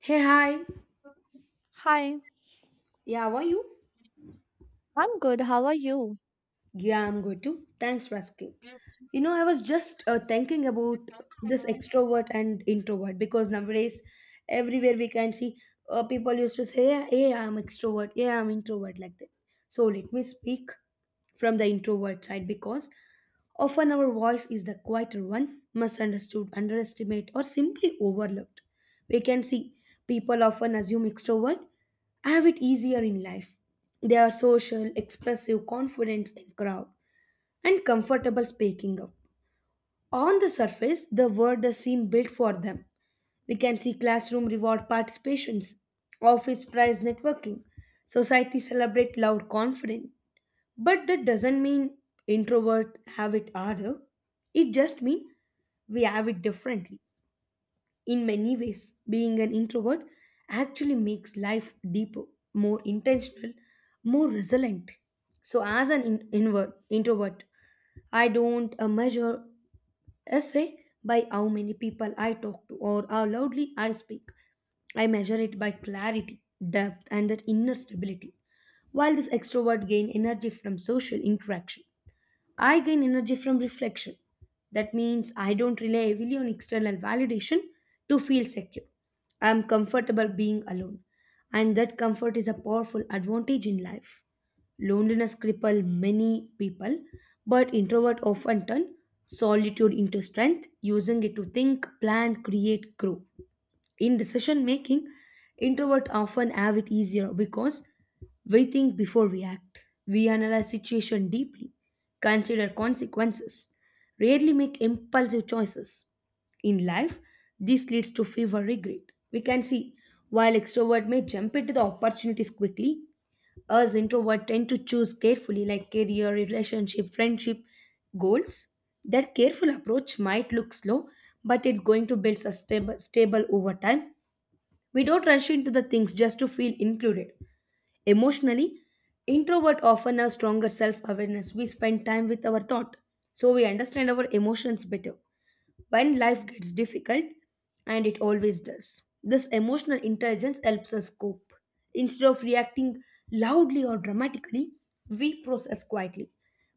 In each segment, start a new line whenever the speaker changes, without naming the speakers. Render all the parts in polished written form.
Hey, hi.
Hi,
Yeah, how are you?
I'm good. How are you?
Yeah, I'm good too. Thanks for asking. You know, I was just thinking about this extrovert and introvert because nowadays, everywhere we can see people used to say, yeah, yeah, I'm extrovert, yeah, I'm introvert, like that. So let me speak from the introvert side because often our voice is the quieter one, misunderstood, underestimated, or simply overlooked. We can see people often assume extrovert have it easier in life. They are social, expressive, confident in crowd, and comfortable speaking up. On the surface, the world does seem built for them. We can see classroom reward participations, office prize networking, society celebrate loud confidence. But that doesn't mean introvert have it harder. It just means we have it differently. In many ways, being an introvert actually makes life deeper, more intentional, more resilient. So as an invert, introvert, I don't measure essay by how many people I talk to or how loudly I speak. I measure it by clarity, depth, and that inner stability. While this extrovert gain energy from social interaction, I gain energy from reflection. That means I don't rely heavily on external validation to feel secure. I am comfortable being alone, and that comfort is a powerful advantage in life. Loneliness cripple many people, but introvert often turn solitude into strength, using it to think, plan, create, grow. In decision making, introvert often have it easier because we think before we act. We analyze situation deeply, consider consequences, rarely make impulsive choices. In life, this leads to fever regret. We can see while extrovert may jump into the opportunities quickly, us introvert tend to choose carefully like career, relationship, friendship, goals. That careful approach might look slow, but it's going to build sustainable stable over time. We don't rush into the things just to feel included. Emotionally, introvert often have stronger self-awareness. We spend time with our thought, so we understand our emotions better. When life gets difficult, and it always does, this emotional intelligence helps us cope. Instead of reacting loudly or dramatically, we process quietly.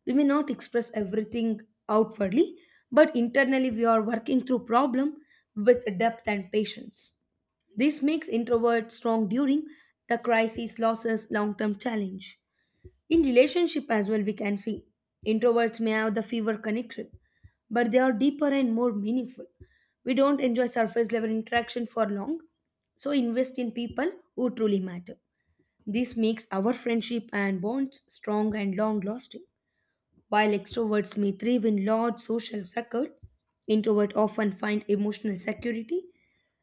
We may not express everything outwardly, but internally we are working through problem with depth and patience. This makes introverts strong during the crisis, losses, long term challenge. In relationship as well, we can see introverts may have the fewer connection, but they are deeper and more meaningful. We don't enjoy surface level interaction for long, so invest in people who truly matter. This makes our friendship and bonds strong and long lasting. While extroverts may thrive in large social circles, introverts often find emotional security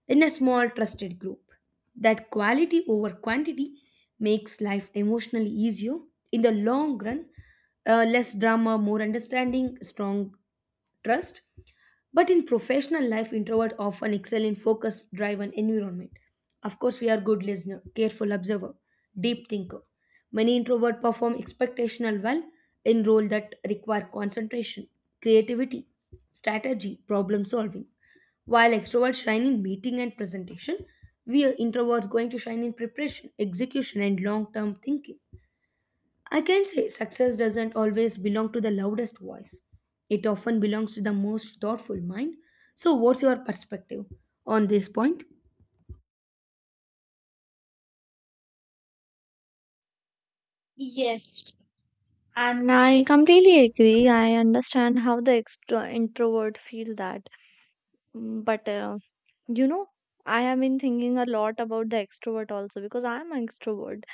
in a small trusted group. That quality over quantity makes life emotionally easier. In the long run, less drama, more understanding, strong trust. But in professional life, introverts often excel in focus driven environment. Of course, we are good listener, careful observer, deep thinker. Many introverts perform expectational well in roles that require concentration, creativity, strategy, problem solving. While extroverts shine in meeting and presentation, we are introverts going to shine in preparation, execution, and long term thinking. I can say success doesn't always belong to the loudest voice. It often belongs to the most thoughtful mind. So, what's your perspective on this point?
Yes, and I completely agree. I understand how the extro introvert feel that. Mm, But you know, I have been thinking a lot about the extrovert also because I'm an extrovert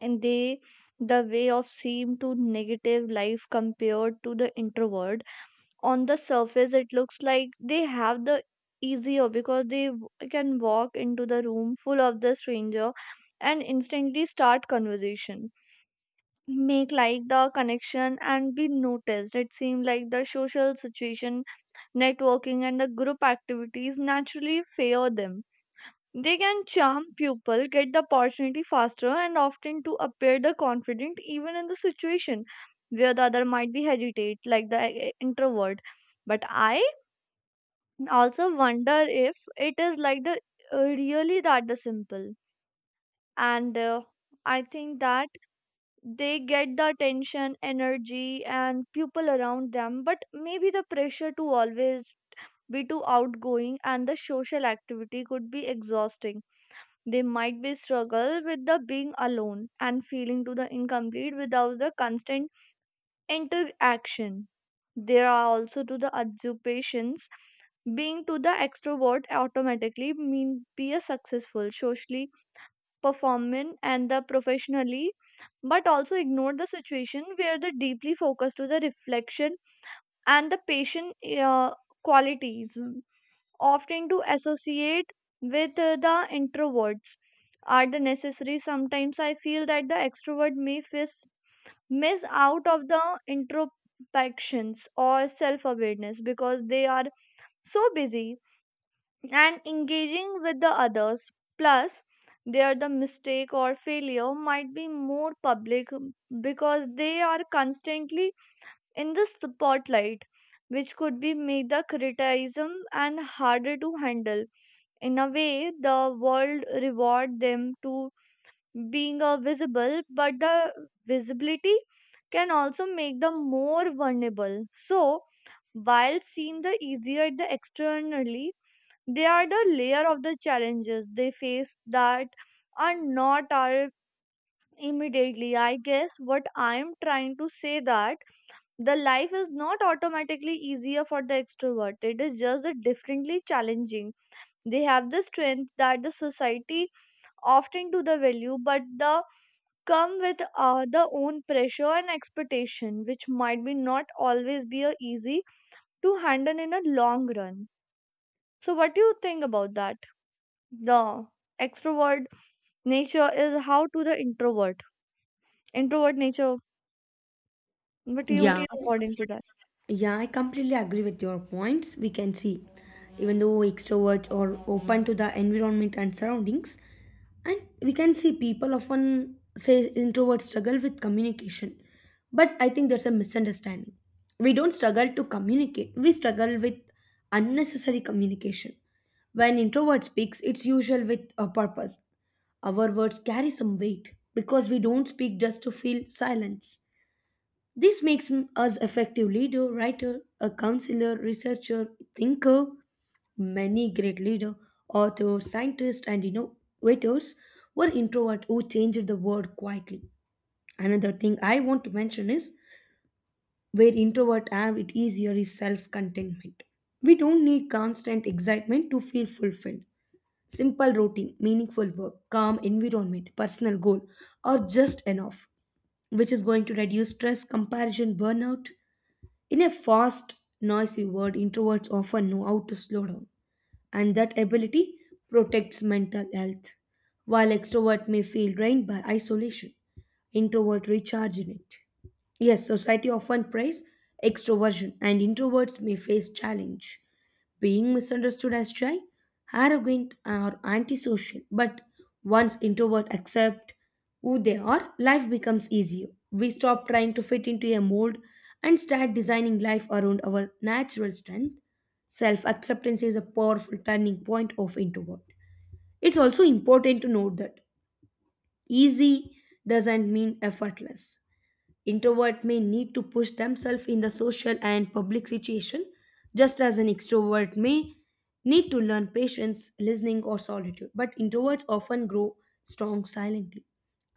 and the way of seem to negative life compared to the introvert, on the surface it looks like they have the easier because they can walk into the room full of the stranger and instantly start conversation, make like the connection and be noticed. It seems like the social situation, networking, and the group activities naturally favor them. They can charm people, get the opportunity faster, and often to appear the confident even in the situation where the other might be hesitate like the introvert. But I also wonder if it is like the really that the simple, and I think that they get the attention, energy, and people around them, but maybe the pressure to always be too outgoing and the social activity could be exhausting. They might be struggle with the being alone and feeling to the incomplete without the constant interaction. There are also to the occupations. Being to the extrovert automatically mean be a successful socially performing and the professionally, but also ignore the situation where the deeply focused to the reflection and the patient, uh, qualities often to associate with the introverts, are the necessary. Sometimes I feel that the extrovert may face, miss out of the introspections or self awareness because they are so busy and engaging with the others. Plus, their the mistake or failure might be more public because they are constantly in the spotlight, which could be make the criticism and harder to handle. In a way, the world reward them to being a visible, but the visibility can also make them more vulnerable. So while seem the easier the externally, they are the layer of the challenges they face that are not are immediately. I guess what I'm trying to say that the life is not automatically easier for the extrovert, it is just a differently challenging. They have the strength that the society often do the value, but the come with the own pressure and expectation, which might be not always be a easy to handle in a long run. So, what do you think about that? The extrovert nature is how to the introvert. Introvert nature. What do you
Yeah.
according to that?
Yeah, I completely agree with your points. We can see, even though extroverts are open to the environment and surroundings, and we can see people often say introverts struggle with communication. But I think there's a misunderstanding. We don't struggle to communicate, we struggle with unnecessary communication. When introvert speaks, it's usual with a purpose. Our words carry some weight because we don't speak just to feel silence. This makes us effective leader, writer, a counselor, researcher, thinker. Many great leader, authors, scientists, and innovators were introvert who changed the world quietly. Another thing I want to mention is where introvert have it easier is self-contentment. We don't need constant excitement to feel fulfilled. Simple routine, meaningful work, calm environment, personal goal are just enough, which is going to reduce stress, comparison, burnout. In a fast, noisy world, introverts often know how to slow down, and that ability protects mental health. While extrovert may feel drained by isolation, introvert recharge in it. Yes, society often praise extroversion, and introverts may face challenge. Being misunderstood as shy, arrogant, or antisocial, but once introvert accept who they are, life becomes easier. We stop trying to fit into a mold and start designing life around our natural strength. Self acceptance is a powerful turning point of introvert. It's also important to note that easy doesn't mean effortless. Introvert may need to push themselves in the social and public situation, just as an extrovert may need to learn patience, listening, or solitude. But introverts often grow strong silently.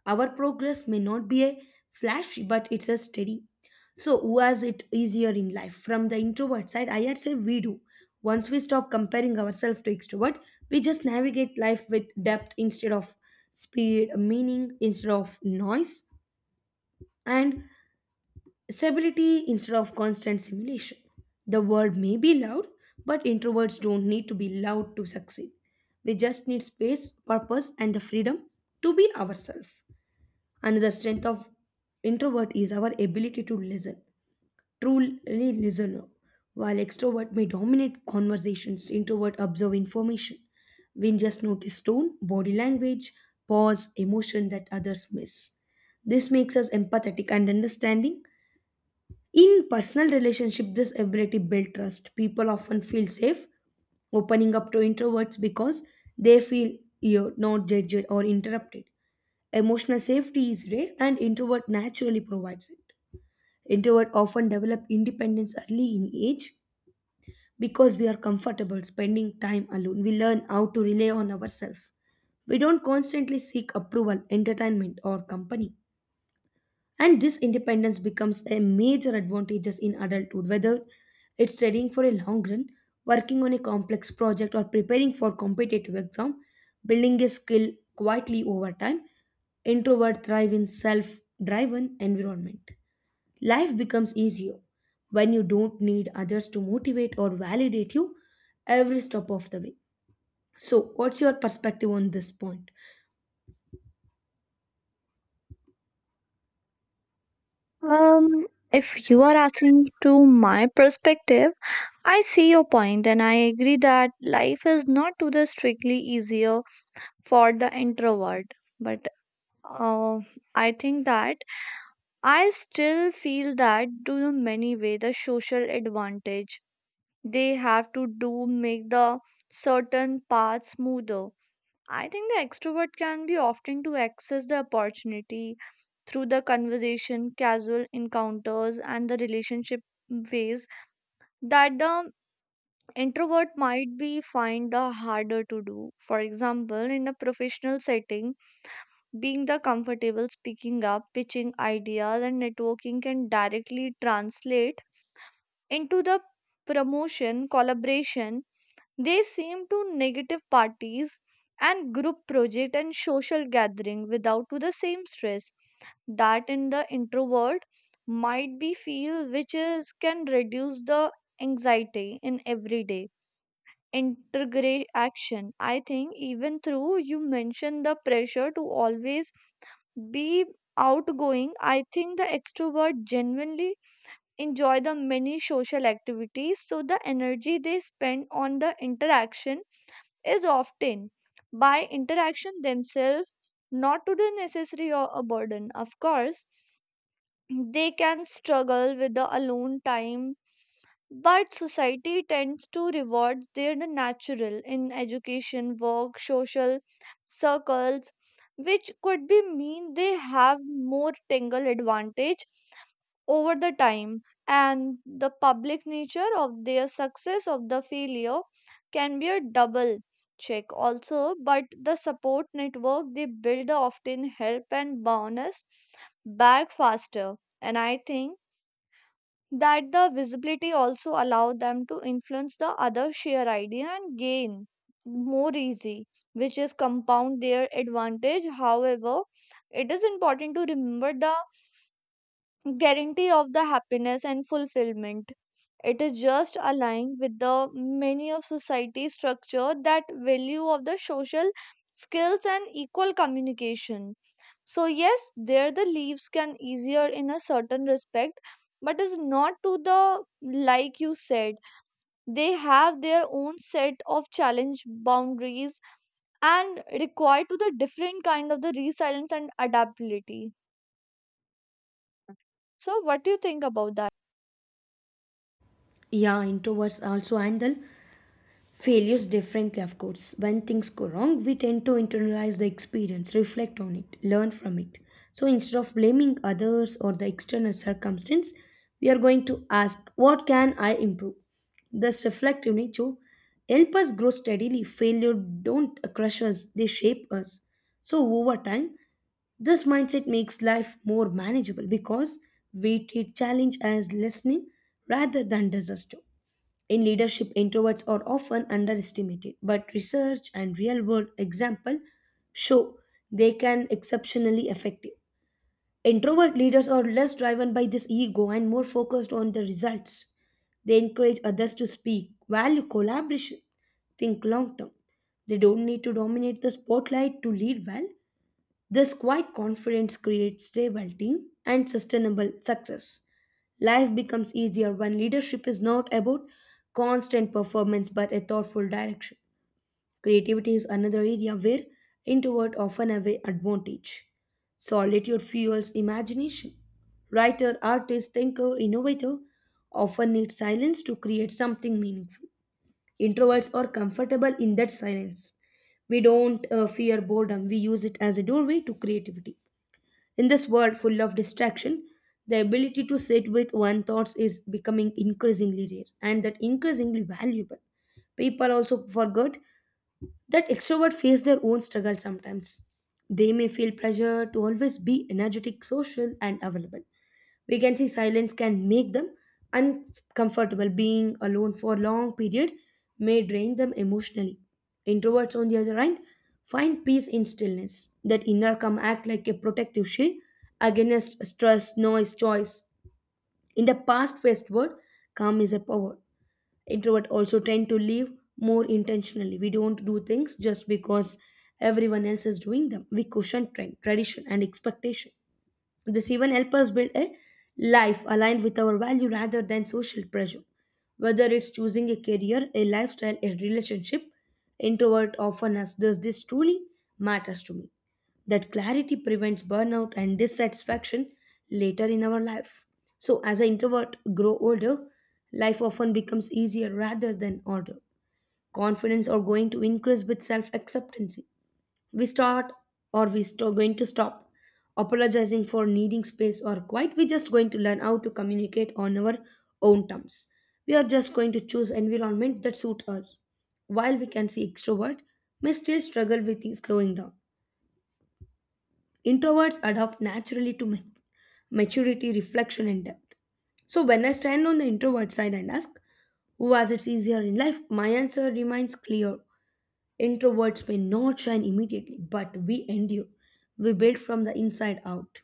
Our progress may not be a flashy, but it's a steady. So, who has it easier in life? From the introvert side, I had say we do. Once we stop comparing ourselves to extrovert, we just navigate life with depth instead of speed, meaning instead of noise, and stability instead of constant simulation. The world may be loud, but introverts don't need to be loud to succeed. We just need space, purpose, and the freedom to be ourselves. Another strength of introvert is our ability to listen, truly listen. While extrovert may dominate conversations, introvert observe information. We just notice tone, body language, pause, emotion that others miss. This makes us empathetic and understanding. In personal relationship, this ability builds trust. People often feel safe opening up to introverts because they feel you're not judged or interrupted. Emotional safety is rare and introvert naturally provides it. Introvert often develop independence early in age because we are comfortable spending time alone. We learn how to rely on ourselves. We don't constantly seek approval, entertainment, or company. And this independence becomes a major advantages in adulthood, whether it's studying for a long run, working on a complex project, or preparing for competitive exam, building a skill quietly over time. Introvert thrive in self-driven environment. Life becomes easier when you don't need others to motivate or validate you every step of the way. So, what's your perspective on this point?
If you are asking to my perspective, I see your point and I agree that life is not to the strictly easier for the introvert, but uh, I think that I still feel that to the many way the social advantage they have to do make the certain path smoother. I think the extrovert can be often to access the opportunity through the conversation, casual encounters, and the relationship ways that the introvert might be find the harder to do. For example, in a professional setting, being the comfortable speaking up, pitching ideas, and networking can directly translate into the promotion, collaboration. They seem to negative parties and group project and social gathering without to the same stress that in the introvert might be feel, which is can reduce the anxiety in everyday integrate action. I think even through you mentioned the pressure to always be outgoing, I think the extrovert genuinely enjoy the many social activities. So the energy they spend on the interaction is often by interaction themselves, not to the necessary or a burden. Of course, they can struggle with the alone time, but society tends to reward their natural in education, work, social circles, which could be mean they have more tangle advantage over the time. And the public nature of their success of the failure can be a double check also, but the support network they build often help and bounce back faster. And I think that the visibility also allow them to influence the other, share idea, and gain more easy, which is compound their advantage. However, it is important to remember the guarantee of the happiness and fulfillment. It is just aligned with the many of society structure that value of the social skills and equal communication. So yes, there the leaves can easier in a certain respect, but is not to the like you said. They have their own set of challenge boundaries and require to the different kind of the resilience and adaptability. So what do you think about that?
Yeah, introverts also handle failures differently, of course. When things go wrong, we tend to internalize the experience, reflect on it, learn from it. So instead of blaming others or the external circumstance, we are going to ask, "What can I improve?" This reflective nature help us grow steadily. Failure don't crush us, they shape us. So over time, this mindset makes life more manageable because we treat challenge as listening rather than disaster. In leadership, introverts are often underestimated, but research and real world example show they can exceptionally effective. Introvert leaders are less driven by this ego and more focused on the results. They encourage others to speak, value collaboration, think long term. They don't need to dominate the spotlight to lead well. This quiet confidence creates stability and sustainable success. Life becomes easier when leadership is not about constant performance but a thoughtful direction. Creativity is another area where introvert often have an advantage. Solitude fuels imagination. Writer, artist, thinker, innovator often need silence to create something meaningful. Introverts are comfortable in that silence. We don't fear boredom, we use it as a doorway to creativity. In this world full of distraction, the ability to sit with one thoughts is becoming increasingly rare and that increasingly valuable. People also forgot that extrovert face their own struggle sometimes. They may feel pressure to always be energetic, social, and available. We can see silence can make them uncomfortable. Being alone for a long period may drain them emotionally. Introverts, on the other hand, find peace in stillness. That inner calm act like a protective shield against stress, noise, choice. In the past fast westward, calm is a power. Introvert also tend to live more intentionally. We don't do things just because everyone else is doing them. We caution trend, tradition, and expectation. This even helps us build a life aligned with our value rather than social pressure. Whether it's choosing a career, a lifestyle, a relationship, introvert often asks, "Does this truly matters to me?" That clarity prevents burnout and dissatisfaction later in our life. So, as an introvert grow older, life often becomes easier rather than harder. Confidence are going to increase with self acceptance. We start we start going to stop apologizing for needing space or quiet. We're just going to learn how to communicate on our own terms. We are just going to choose environment that suit us. While we can see extrovert may still struggle with slowing down, Introverts adapt naturally to maturity, reflection, and depth. So when I stand on the introvert side and ask, who has it easier in life, my answer remains clear. Introverts may not shine immediately, but we endure. We build from the inside out.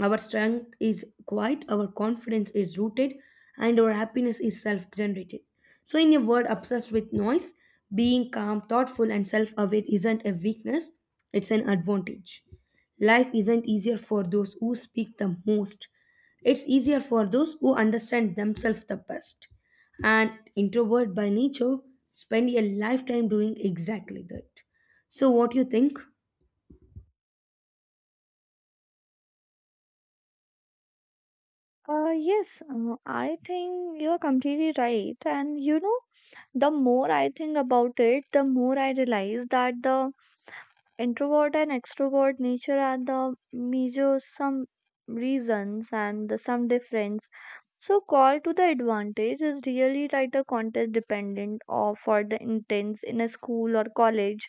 Our strength is quiet, our confidence is rooted, and our happiness is self generated. So, in a world obsessed with noise, being calm, thoughtful, and self aware isn't a weakness, it's an advantage. Life isn't easier for those who speak the most. It's easier for those who understand themselves the best. And introvert by nature spend a lifetime doing exactly that. So what do you think?
Yes, I think you're completely right. And you know, the more I think about it, the more I realize that the introvert and extrovert nature are the major some reasons and the some difference. So call to the advantage is really like the context dependent, or for the intense in a school or college.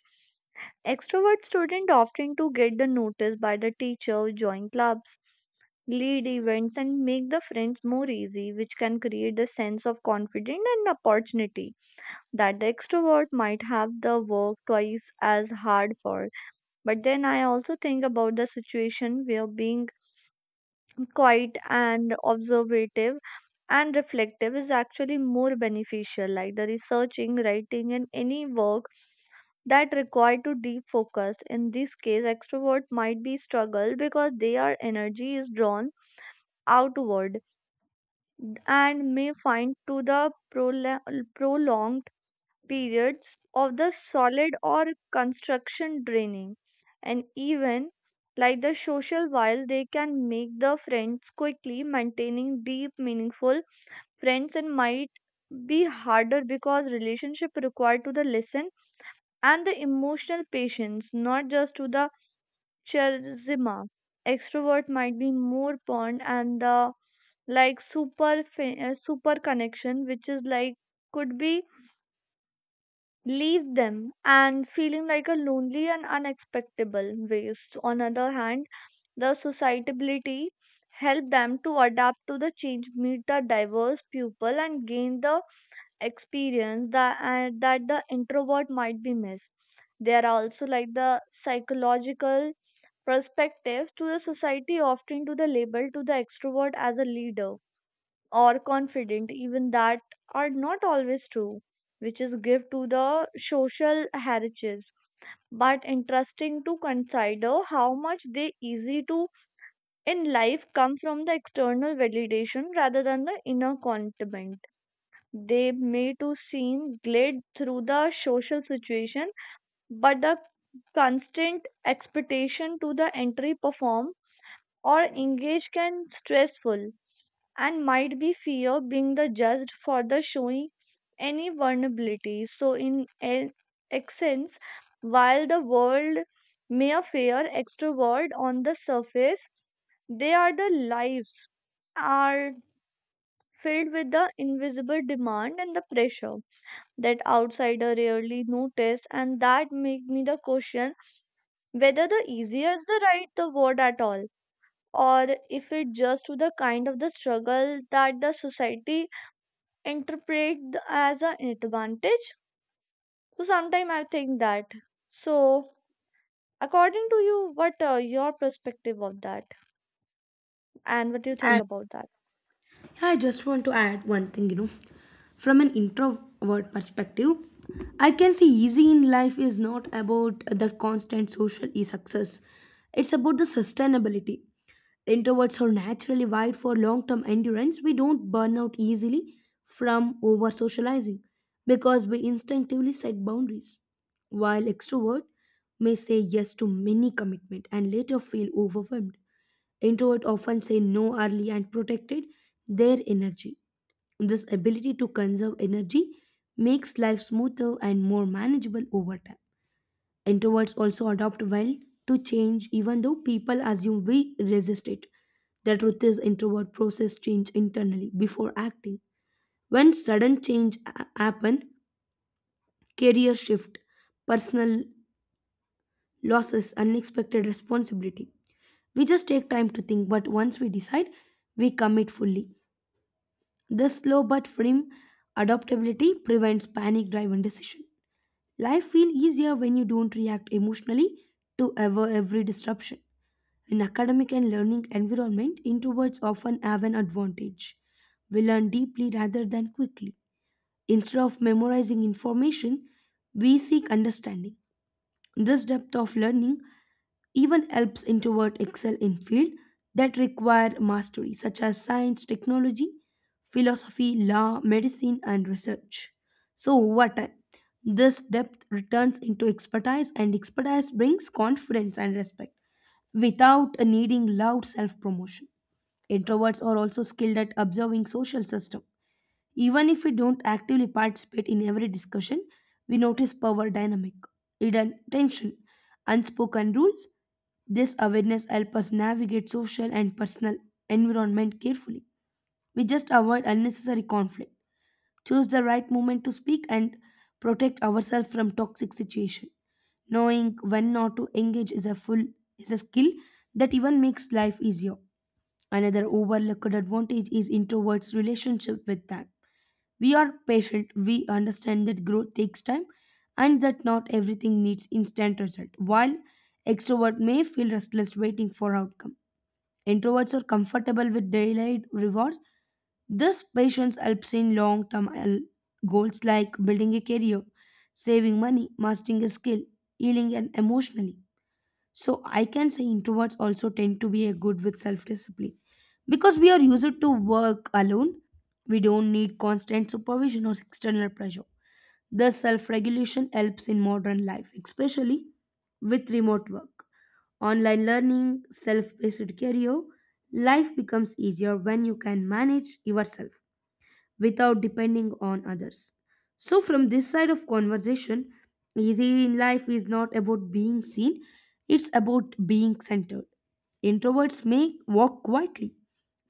Extrovert students often to get the notice by the teacher, join clubs, lead events, and make the friends more easy, which can create the sense of confidence and opportunity that the extrovert might have the work twice as hard for. But then I also think about the situation where being quiet and observative and reflective is actually more beneficial, like the researching, writing, and any work that require to deep focus. In this case, extrovert might be struggle because their energy is drawn outward and may find to the prolonged periods of the solid or construction draining. And even like the social, while they can make the friends quickly, maintaining deep meaningful friends and might be harder because relationship required to the listen and the emotional patience, not just to the charisma. Extrovert might be more pond and the like super connection, which is like could be leave them and feeling like a lonely and unexpectable waste. On other hand, the sociability help them to adapt to the change, meet the diverse people, and gain the experience that and that the introvert might be missed. There are also like the psychological perspective to the society often to the label to the extrovert as a leader or confident, even that are not always true, which is give to the social heritage. But interesting to consider how much they easy to in life come from the external validation rather than the inner contentment. They may to seem glad through the social situation, but the constant expectation to the entry perform or engage can stressful, and might be fear being the judged for the showing any vulnerability. So in an essence, while the world may appear extrovert on the surface, they are the lives are filled with the invisible demand and the pressure that outsider rarely notice, and that make me the question whether the easier is the right the word at all, or if it just to the kind of the struggle that the society interpret as an advantage. So sometimes I think that, so according to you, what your perspective of that, and what do you think about that?
Yeah, I just want to add one thing, from an introvert perspective, I can see easy in life is not about the constant success. It's about the sustainability. Introverts are naturally wired for long-term endurance. We don't burn out easily from over socializing because we instinctively set boundaries. While extrovert may say yes to many commitment and later feel overwhelmed. Introverts often say no early and protected their energy. This ability to conserve energy makes life smoother and more manageable over time. Introverts also adapt well to change, even though people assume we resist it. The truth is, introvert process change internally before acting. When sudden happen, career shift, personal losses, unexpected responsibility, we just take time to think. But once we decide, we commit fully. This slow but firm adaptability prevents panic driven decision. Life feels easier when you don't react emotionally to every disruption. In academic and learning environment, introverts often have an advantage. We learn deeply rather than quickly. Instead of memorizing information, we seek understanding. This depth of learning even helps introvert excel in field that require mastery such as science, technology, philosophy, law, medicine, and research. So over time, this depth returns into expertise, and expertise brings confidence and respect without needing loud self promotion. Introverts are also skilled at observing social system. Even if we don't actively participate in every discussion, we notice power dynamic, hidden tension, unspoken rule. This awareness helps us navigate social and personal environment carefully. We just avoid unnecessary conflict, choose the right moment to speak, and protect ourselves from toxic situation. Knowing when not to engage is a skill that even makes life easier. Another overlooked advantage is introverts relationship with time. We are patient, we understand that growth takes time and that not everything needs instant result. While extrovert may feel restless waiting for outcome, Introverts are comfortable with daylight rewards. This patience helps in long term goals like building a career, saving money, mastering a skill, healing and emotionally. So I can say introverts also tend to be a good with self discipline because we are used to work alone. We don't need constant supervision or external pressure. Thus, self regulation helps in modern life, especially with remote work. Online learning, self paced career, life becomes easier when you can manage yourself without depending on others. So, from this side of conversation, easy in life is not about being seen, it's about being centered. Introverts may walk quietly,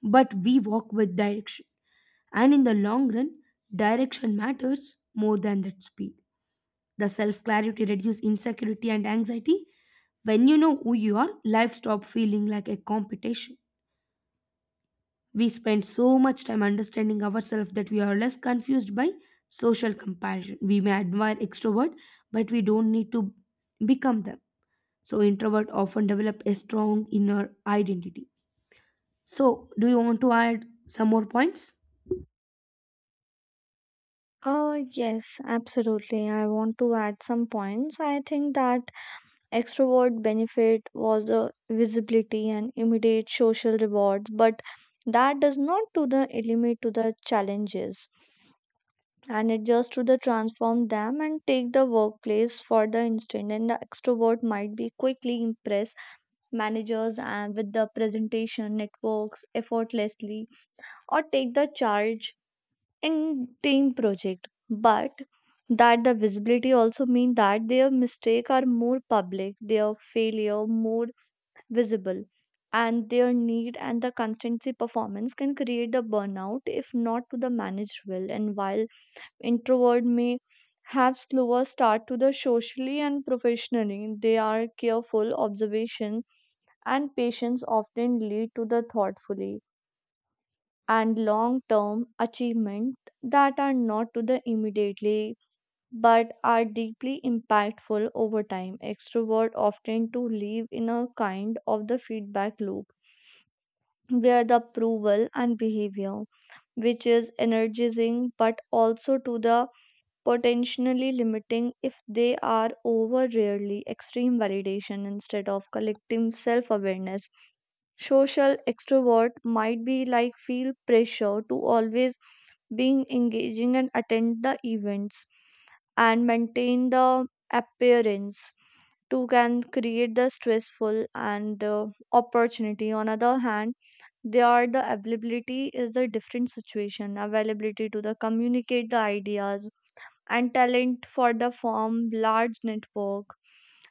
but we walk with direction. And in the long run, direction matters more than that speed. The self clarity reduces insecurity and anxiety. When you know who you are, life stop feeling like a competition. We spend so much time understanding ourselves that we are less confused by social comparison. We may admire extrovert, but we don't need to become them. So introvert often develop a strong inner identity. So do you want to add some more points?
Yes, absolutely, I want to add some points. I think that extrovert benefit was the visibility and immediate social rewards, but that does not to the eliminate to the challenges, and it just to the transform them and take the workplace for the instant. And the extrovert might be quickly impress managers and with the presentation, networks effortlessly, or take the charge in team project. But that the visibility also mean that their mistake are more public, their failure more visible, and their need and the constancy performance can create the burnout if not to the managed well. And while introvert may have slower start to the socially and professionally, they are careful observation and patience often lead to the thoughtfully and long term achievement that are not to the immediately but are deeply impactful over time. Extrovert often to live in a kind of the feedback loop where the approval and behavior, which is energizing but also to the potentially limiting if they are over rarely extreme validation instead of collective self awareness. Social extrovert might be like feel pressure to always being engaging and attend the events and maintain the appearance to can create the stressful and opportunity. On other hand, they are the availability is the different situation, availability to the communicate the ideas and talent for the form large network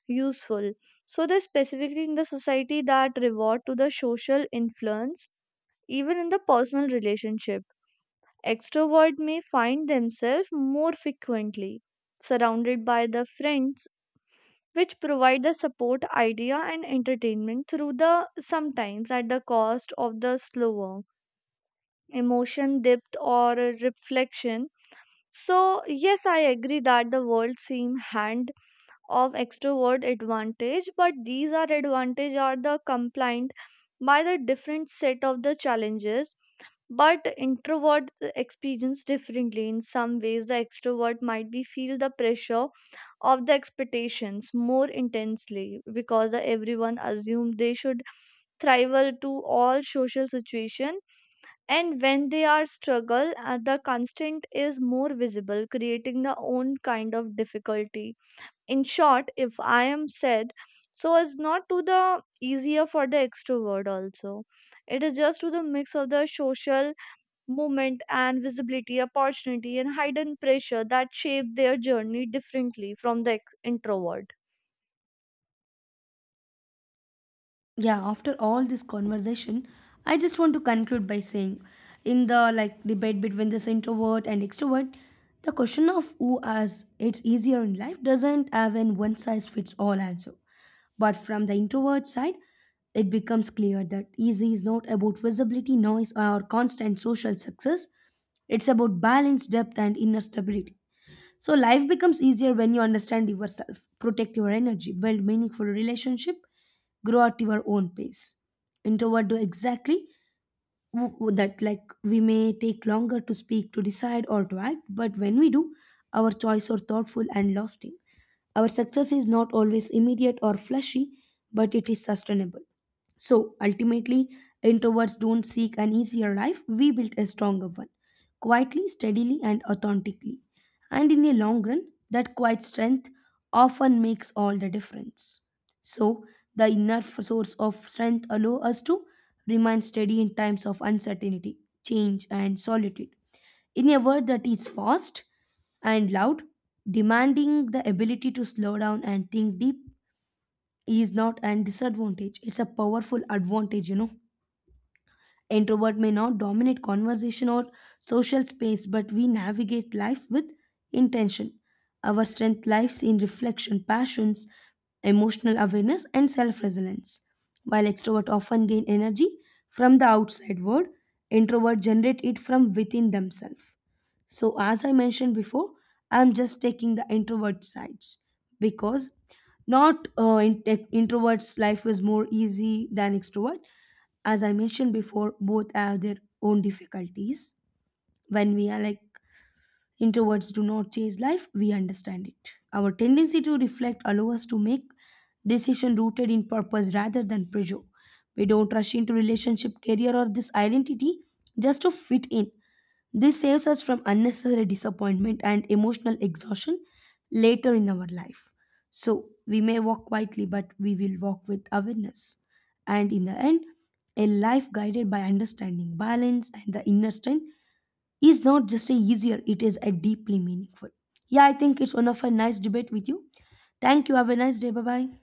useful. So they specifically in the society that reward to the social influence, even in the personal relationship. Extrovert may find themselves more frequently surrounded by the friends, which provide the support idea and entertainment through the sometimes at the cost of the slower emotion depth or a reflection. So yes, I agree that the world seem hand of extrovert advantage, but these are advantage are the compliant by the different set of the challenges. But introvert experience differently. In some ways the extrovert might be feel the pressure of the expectations more intensely because the everyone assume they should thrive well to all social situation. And when they are struggle, the constant is more visible, creating the own kind of difficulty. In short, if I am said, so is not to the easier for the extrovert also. It is just to the mix of the social movement and visibility, opportunity, and hidden pressure that shape their journey differently from the introvert.
Yeah, after all this conversation, I just want to conclude by saying, in the like debate between this introvert and extrovert, the question of who has it's easier in life doesn't have an one size fits all answer. But from the introvert side, it becomes clear that easy is not about visibility, noise, or constant social success. It's about balance, depth, and inner stability. So life becomes easier when you understand yourself, protect your energy, build meaningful relationship, grow at your own pace. Introvert do exactly that. Like, we may take longer to speak, to decide, or to act, but when we do, our choice are thoughtful and lasting. Our success is not always immediate or flashy, but it is sustainable. So ultimately, introverts don't seek an easier life, we build a stronger one, quietly, steadily, and authentically. And in a long run, that quiet strength often makes all the difference. So, the source of strength allow us to remain steady in times of uncertainty, change, and solitude. In a world that is fast and loud, demanding the ability to slow down and think deep is not an disadvantage. It's a powerful advantage, you know. Introvert may not dominate conversation or social space, but we navigate life with intention. Our strength lies in reflection, passions, emotional awareness, and self resilience. While extrovert often gain energy from the outside world, introvert generate it from within themselves. So, as I mentioned before, I'm just taking the introvert sides because not in- eh, introverts' life is more easy than extrovert. As I mentioned before, both have their own difficulties when we are like. Introverts do not chase life, we understand it. Our tendency to reflect allows us to make decisions rooted in purpose rather than pressure. We don't rush into relationship, career, or this identity just to fit in. This saves us from unnecessary disappointment and emotional exhaustion later in our life. So we may walk quietly, but we will walk with awareness. And in the end, a life guided by understanding, balance, and the inner strength is not just a easier, it is a deeply meaningful. Yeah, I think it's one of a nice debate with you. Thank you. Have a nice day. Bye bye.